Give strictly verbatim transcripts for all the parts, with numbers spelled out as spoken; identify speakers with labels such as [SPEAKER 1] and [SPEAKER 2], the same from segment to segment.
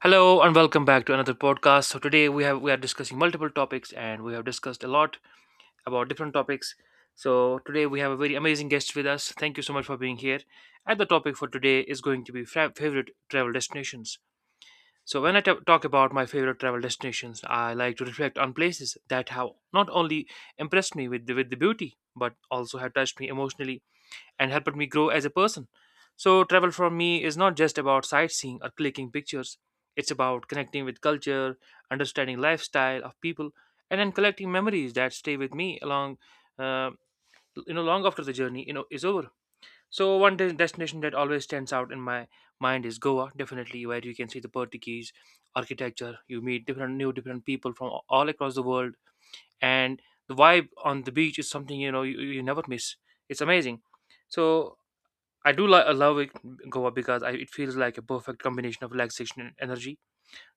[SPEAKER 1] Hello and welcome back to another podcast. So today we have we are discussing multiple topics and we have discussed a lot about different topics. So today we have a very amazing guest with us. Thank you so much for being here. And the topic for today is going to be fra- favorite travel destinations. So when I ta- talk about my favorite travel destinations, I like to reflect on places that have not only impressed me with the, with the beauty but also have touched me emotionally and helped me grow as a person. So, travel for me is not just about sightseeing or clicking pictures, it's about connecting with culture, understanding lifestyle of people, and then collecting memories that stay with me along. Uh, you know, Long after the journey, you know, is over. So one de- destination that always stands out in my mind is Goa, definitely, where you can see the Portuguese architecture. You meet different new different people from a- all across the world, and the vibe on the beach is something you know you, you never miss. It's amazing. So I do li- love it, Goa because I, it feels like a perfect combination of relaxation and energy.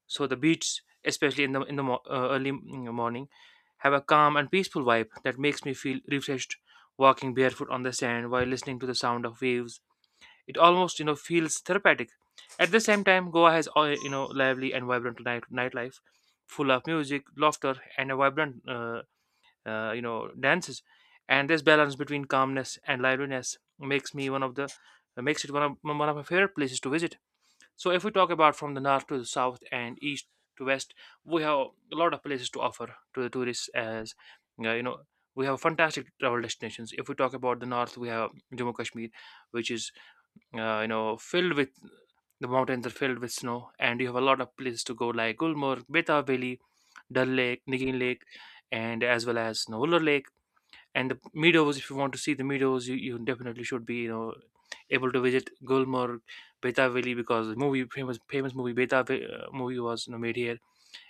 [SPEAKER 1] So the beach, especially in the in the mo- uh, early m- morning, have a calm and peaceful vibe that makes me feel refreshed. Walking barefoot on the sand while listening to the sound of waves, it almost you know feels therapeutic. At the same time, Goa has all you know lively and vibrant night nightlife, full of music, laughter, and a vibrant uh, uh, you know dances, and this balance between calmness and liveliness makes me one of the uh, makes it one of one of my favorite places to visit. So if we talk about from the north to the south and east to west, we have a lot of places to offer to the tourists. As uh, you know we have fantastic travel destinations, if we talk about the north, we have Jammu Kashmir, which is uh, you know filled with, the mountains are filled with snow, and you have a lot of places to go like Gulmarg, Beta Valley, Dal Lake, Nigin Lake, and as well as Navular Lake. And the meadows, if you want to see the meadows, you, you definitely should be you know able to visit Gulmarg, Beta Valley, because the movie famous famous movie Beta Va- uh, movie was you know, made here,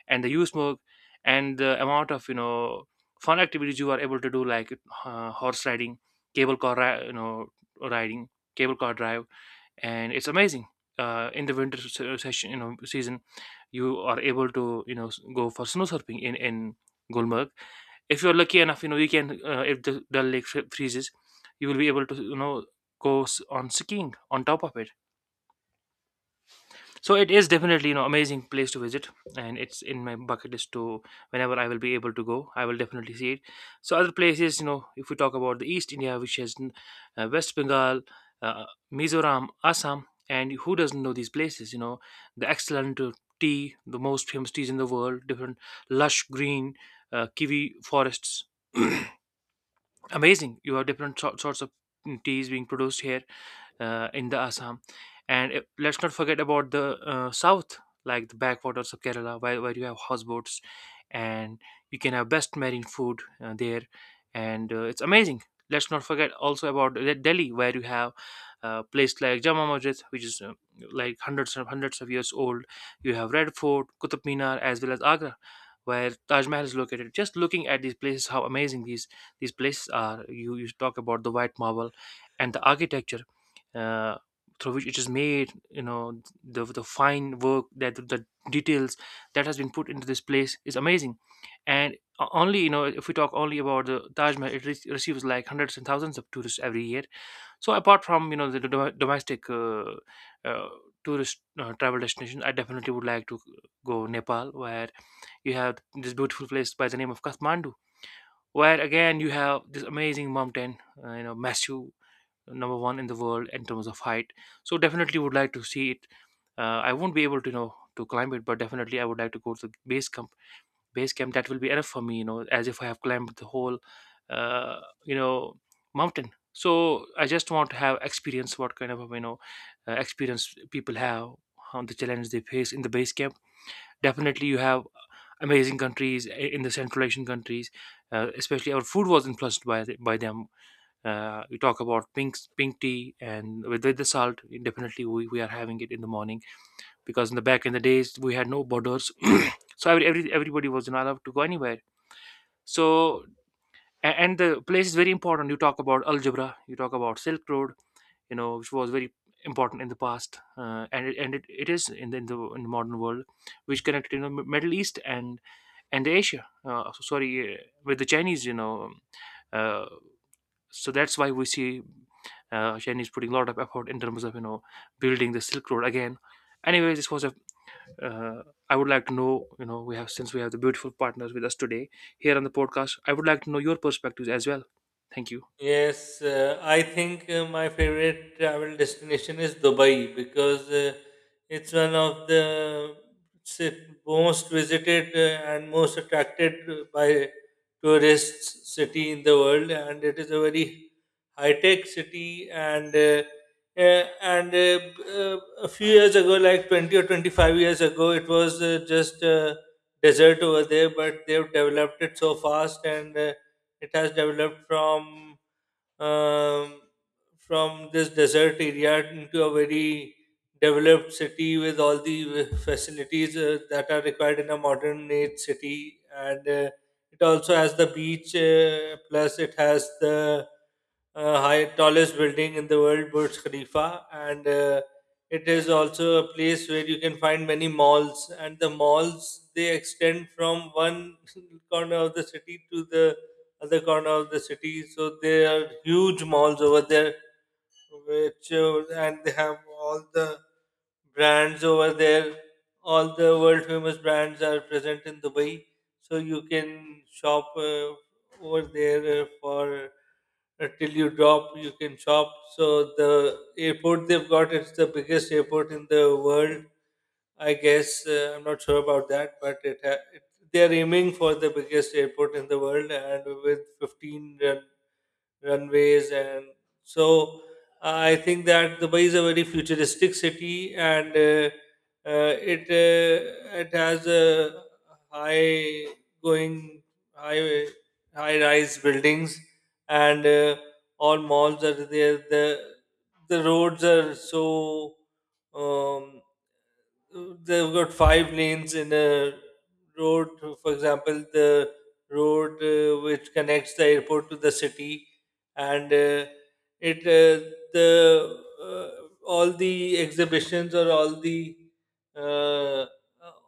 [SPEAKER 1] and the Usmog, and the amount of you know fun activities you are able to do like uh, horse riding, cable car ri- you know riding, cable car drive, and it's amazing. Uh, in the winter se- session, you know, season, you are able to you know s- go for snow surfing in in Gulmarg. If you're lucky enough, you know you can. Uh, if the Dal Lake fre- freezes, you will be able to you know go s- on skiing on top of it. So it is definitely you know amazing place to visit, and it's in my bucket list to, whenever I will be able to go, I will definitely see it. So other places, you know if we talk about the east India, which has uh, West Bengal, uh, Mizoram, Assam, and who doesn't know these places? You know the excellent uh, tea, the most famous teas in the world, different lush green uh, kiwi forests amazing. You have different sor- sorts of mm, teas being produced here uh, in the Assam. And uh, let's not forget about the uh, south, like the backwaters of Kerala, where, where you have houseboats, and you can have best marine food uh, there, and uh, it's amazing. Let's not forget also about De- delhi, where you have a place like Jama Masjid, which is uh, like hundreds and hundreds of years old. You have Red Fort, Qutub Minar, as well as Agra, where Taj Mahal is located. Just looking at these places, how amazing these these places are. You, you talk about the white marble and the architecture uh, through which it is made. You know the, the fine work, that the details that has been put into this place is amazing. And o- only, you know if we talk only about the Taj Mahal, it re- receives like hundreds and thousands of tourists every year. So apart from you know the do- domestic uh, uh, tourist uh, travel destination, I definitely would like to go Nepal, where you have this beautiful place by the name of Kathmandu, where again you have this amazing mountain, uh, you know, massive, number one in the world in terms of height. So definitely would like to see it. Uh, I won't be able to you know to climb it, but definitely I would like to go to the base camp. Base camp that will be enough for me, you know, as if I have climbed the whole, uh, you know, mountain. So I just want to have experience what kind of you know uh, experience people have on the challenge they face in the base camp. Definitely you have amazing countries i- in the Central Asian countries, uh, especially our food was influenced by the, by them. Uh, you talk about pink pink tea and with, with the salt, definitely we, we are having it in the morning, because in the back in the days we had no borders, so every, every everybody was not allowed to go anywhere. So a- and the place is very important. You talk about algebra, you talk about Silk Road, you know, which was very important in the past, uh, and it, and it, it is in the, in the in the modern world, which connected you know M- Middle East and and Asia. Uh, so sorry, uh, with the Chinese, you know. um, Uh, so that's why we see uh, Chinese putting a lot of effort in terms of you know building the Silk Road again. Anyway, this was a. Uh, I would like to know, you know, we have since we have the beautiful partners with us today here on the podcast. I would like to know your perspectives as well. Thank you.
[SPEAKER 2] Yes, uh, I think uh, my favorite travel destination is Dubai because uh, it's one of the ci- most visited uh, and most attracted uh, by tourists city in the world, and it is a very high tech city. And uh, uh, and uh, b- uh, a few years ago, like twenty or twenty five years ago, it was uh, just a desert over there, but they've developed it so fast and. Uh, it has developed from um, from this desert area into a very developed city with all the facilities uh, that are required in a modern age city, and uh, it also has the beach uh, plus it has the uh, high tallest building in the world, Burj Khalifa. And uh, It is also a place where you can find many malls, and the malls they extend from one corner of the city to the other corner of the city. So there are huge malls over there, which uh, and they have all the brands over there. All the world famous brands are present in Dubai, so you can shop uh, over there uh, for uh, till you drop. You can shop. So the airport they've got, it's the biggest airport in the world, I guess. uh, I'm not sure about that, but it, ha- it they are aiming for the biggest airport in the world, and with fifteen run, runways, and so uh, I think that Dubai is a very futuristic city, and uh, uh, it uh, it has a high going high high rise buildings, and uh, all malls are there. The the roads are so um, they've got five lanes in a road. For example, the road uh, which connects the airport to the city, and uh, it uh, the uh, all the exhibitions or all the uh,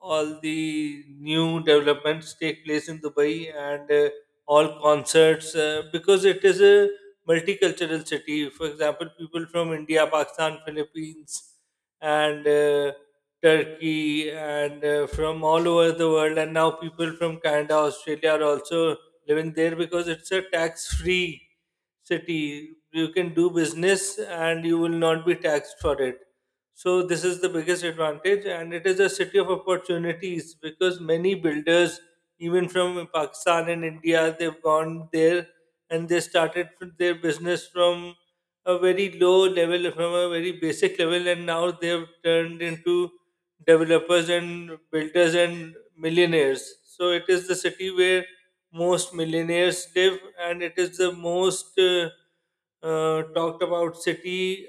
[SPEAKER 2] all the new developments take place in Dubai, and uh, all concerts, uh, because it is a multicultural city. For example, people from India, Pakistan, Philippines, and uh, Turkey, and uh, from all over the world. And now people from Canada, Australia are also living there because it's a tax free city. You can do business and you will not be taxed for it. So this is the biggest advantage, and it is a city of opportunities because many builders, even from Pakistan and India, they've gone there and they started f- their business from a very low level, from a very basic level, and now they've turned into developers and builders and millionaires. So it is the city where most millionaires live, and it is the most uh, uh, talked about city.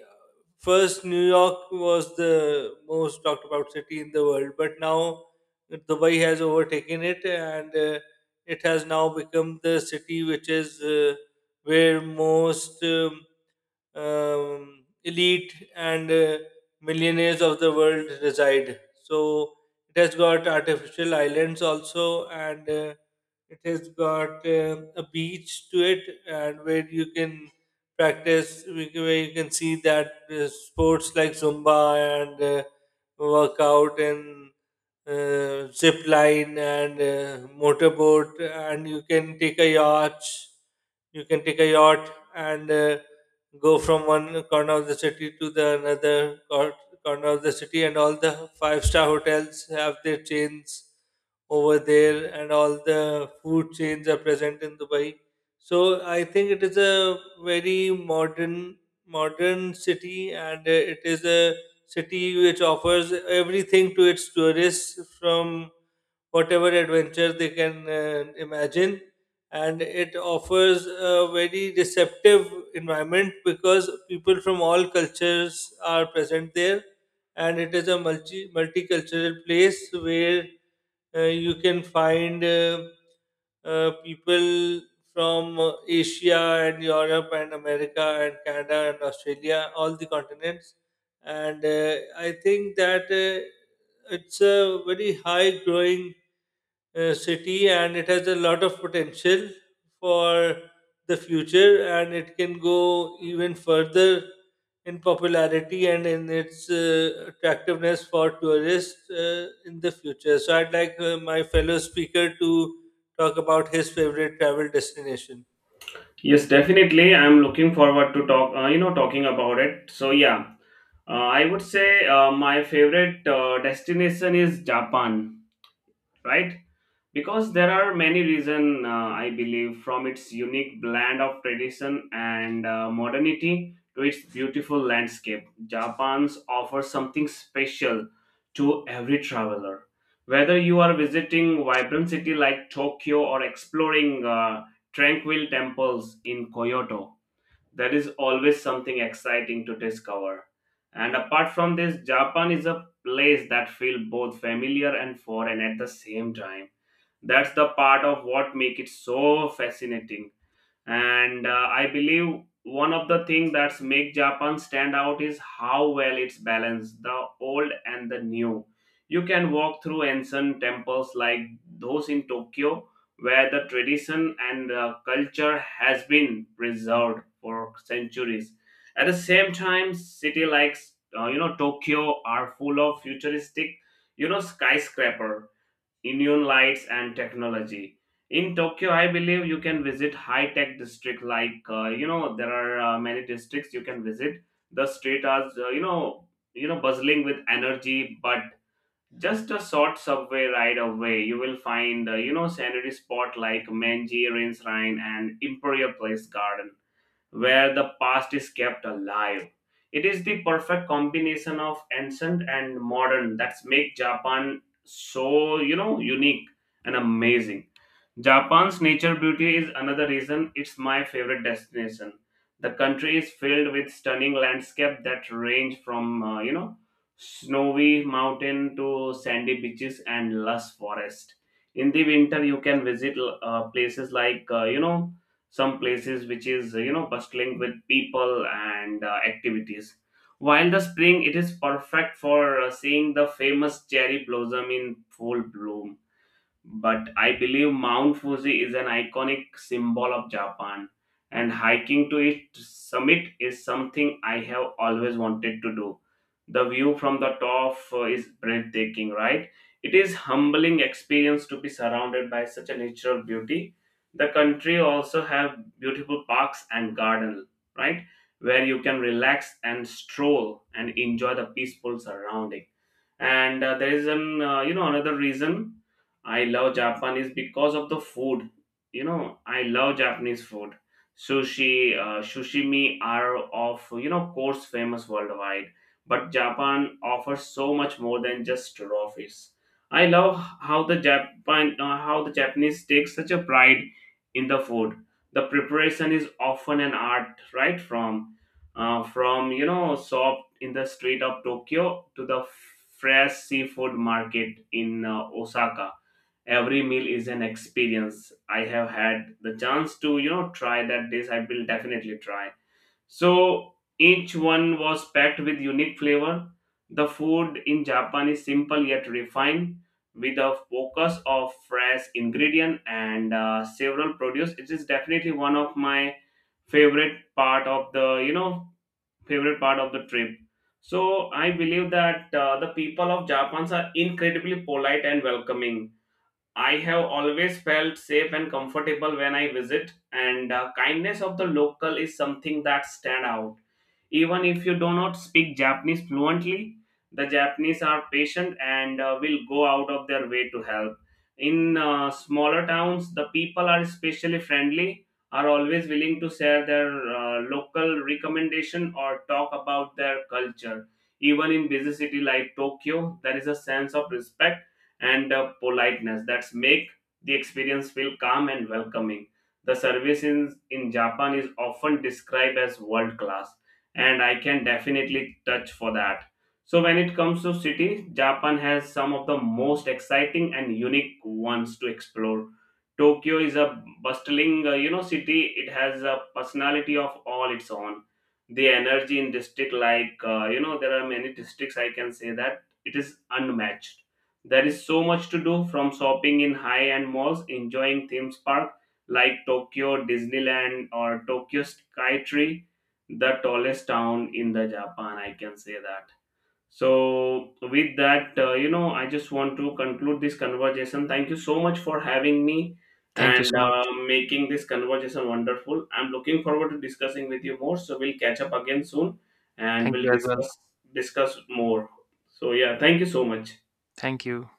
[SPEAKER 2] First, New York was the most talked about city in the world, but now Dubai has overtaken it, and uh, it has now become the city which is uh, where most um, um, elite and uh, millionaires of the world reside. So it has got artificial islands also, and uh, it has got uh, a beach to it, and where you can practice, where you can see that uh, sports like Zumba and uh, workout and uh, zip line and uh, motorboat, and you can take a yacht. You can take a yacht and uh, go from one corner of the city to the another cor- corner of the city, and all the five star hotels have their chains over there, and all the food chains are present in Dubai. So I think it is a very modern modern city, and uh, it is a city which offers everything to its tourists, from whatever adventure they can uh, imagine, and it offers a very receptive environment because people from all cultures are present there, and it is a multi multicultural place where uh, you can find uh, uh, people from uh, Asia and Europe and America and Canada and Australia, all the continents. And uh, I think that uh, it's a very high growing uh, city, and it has a lot of potential for the future, and it can go even further in popularity and in its uh, attractiveness for tourists uh, in the future. So I'd like uh, my fellow speaker to talk about his favorite travel destination.
[SPEAKER 3] Yes, definitely. I'm looking forward to talk, uh, you know, talking about it. So yeah, uh, I would say uh, my favorite uh, destination is Japan, right? Because there are many reasons uh, I believe, from its unique blend of tradition and uh, modernity to its beautiful landscape. Japan's offers something special to every traveler. Whether you are visiting vibrant city like Tokyo or exploring uh, tranquil temples in Kyoto, there is always something exciting to discover. And apart from this, Japan is a place that feels both familiar and foreign at the same time. That's the part of what makes it so fascinating, and uh, I believe one of the things that's make japan stand out is how well it's balanced the old and the new. You can walk through ancient temples like those in tokyo, where the tradition and uh, culture has been preserved for centuries. At the same time, city like uh, you know tokyo are full of futuristic you know skyscraper, neon lights and technology. In Tokyo, I believe you can visit high-tech district like uh, you know there are uh, many districts you can visit. The street are uh, you know you know bustling with energy, but just a short subway ride away, you will find uh, you know scenery spot like Menji Rain Shrine and Imperial Place Garden, where the past is kept alive. It is the perfect combination of ancient and modern that makes Japan so, you know, unique and amazing. Japan's nature beauty is another reason it's my favorite destination. The country is filled with stunning landscapes that range from, uh, you know, snowy mountain to sandy beaches and lush forest. In the winter, you can visit uh, places like, uh, you know, some places which is, uh, you know, bustling with people and uh, activities. While the spring, it is perfect for uh, seeing the famous cherry blossom in full bloom, but I believe Mount Fuji is an iconic symbol of Japan, and hiking to its summit is something I have always wanted to do. The view from the top uh, is breathtaking, right? It is humbling experience to be surrounded by such a natural beauty. The country also have beautiful parks and garden, right? Where you can relax and stroll and enjoy the peaceful surrounding. And uh, there is an uh, you know another reason I love japan is because of the food. You know, I love japanese food. Sushi, uh, sushimi are of you know course famous worldwide, but japan offers so much more than just raw fish. I love how the japan uh, how the japanese take such a pride in the food. The preparation is often an art, right? From uh, from you know shop in the street of Tokyo to the fresh seafood market in uh, Osaka. Every meal is an experience. I have had the chance to you know try that dish. I will definitely try. So each one was packed with unique flavor. The food in Japan is simple yet refined. With a focus of fresh ingredient and uh, several produce, it is definitely one of my favorite part of the you know favorite part of the trip. So I believe that uh, the people of Japan are incredibly polite and welcoming. I have always felt safe and comfortable when I visit, and uh, kindness of the local is something that stand out. Even if you do not speak Japanese fluently, the Japanese are patient and uh, will go out of their way to help. In uh, smaller towns, the people are especially friendly, are always willing to share their uh, local recommendation or talk about their culture. Even in busy city like Tokyo, there is a sense of respect and uh, politeness that make the experience feel calm and welcoming. The service in, in Japan is often described as world class, and I can definitely touch for that. So, when it comes to city, Japan has some of the most exciting and unique ones to explore. Tokyo is a bustling, uh, you know, city. It has a personality of all its own. The energy in district, like uh, you know, there are many districts. I can say that it is unmatched. There is so much to do, from shopping in high end malls, enjoying theme parks like Tokyo Disneyland or Tokyo Skytree, the tallest town in the Japan, I can say that. So with that, uh, you know, I just want to conclude this conversation. Thank you so much for having me
[SPEAKER 1] Thank you
[SPEAKER 3] and
[SPEAKER 1] so much.
[SPEAKER 3] uh, making this conversation wonderful. I'm looking forward to discussing with you more. So we'll catch up again soon and
[SPEAKER 1] Thank
[SPEAKER 3] we'll
[SPEAKER 1] you as well.
[SPEAKER 3] discuss discuss more. So yeah, thank you so much.
[SPEAKER 1] Thank you.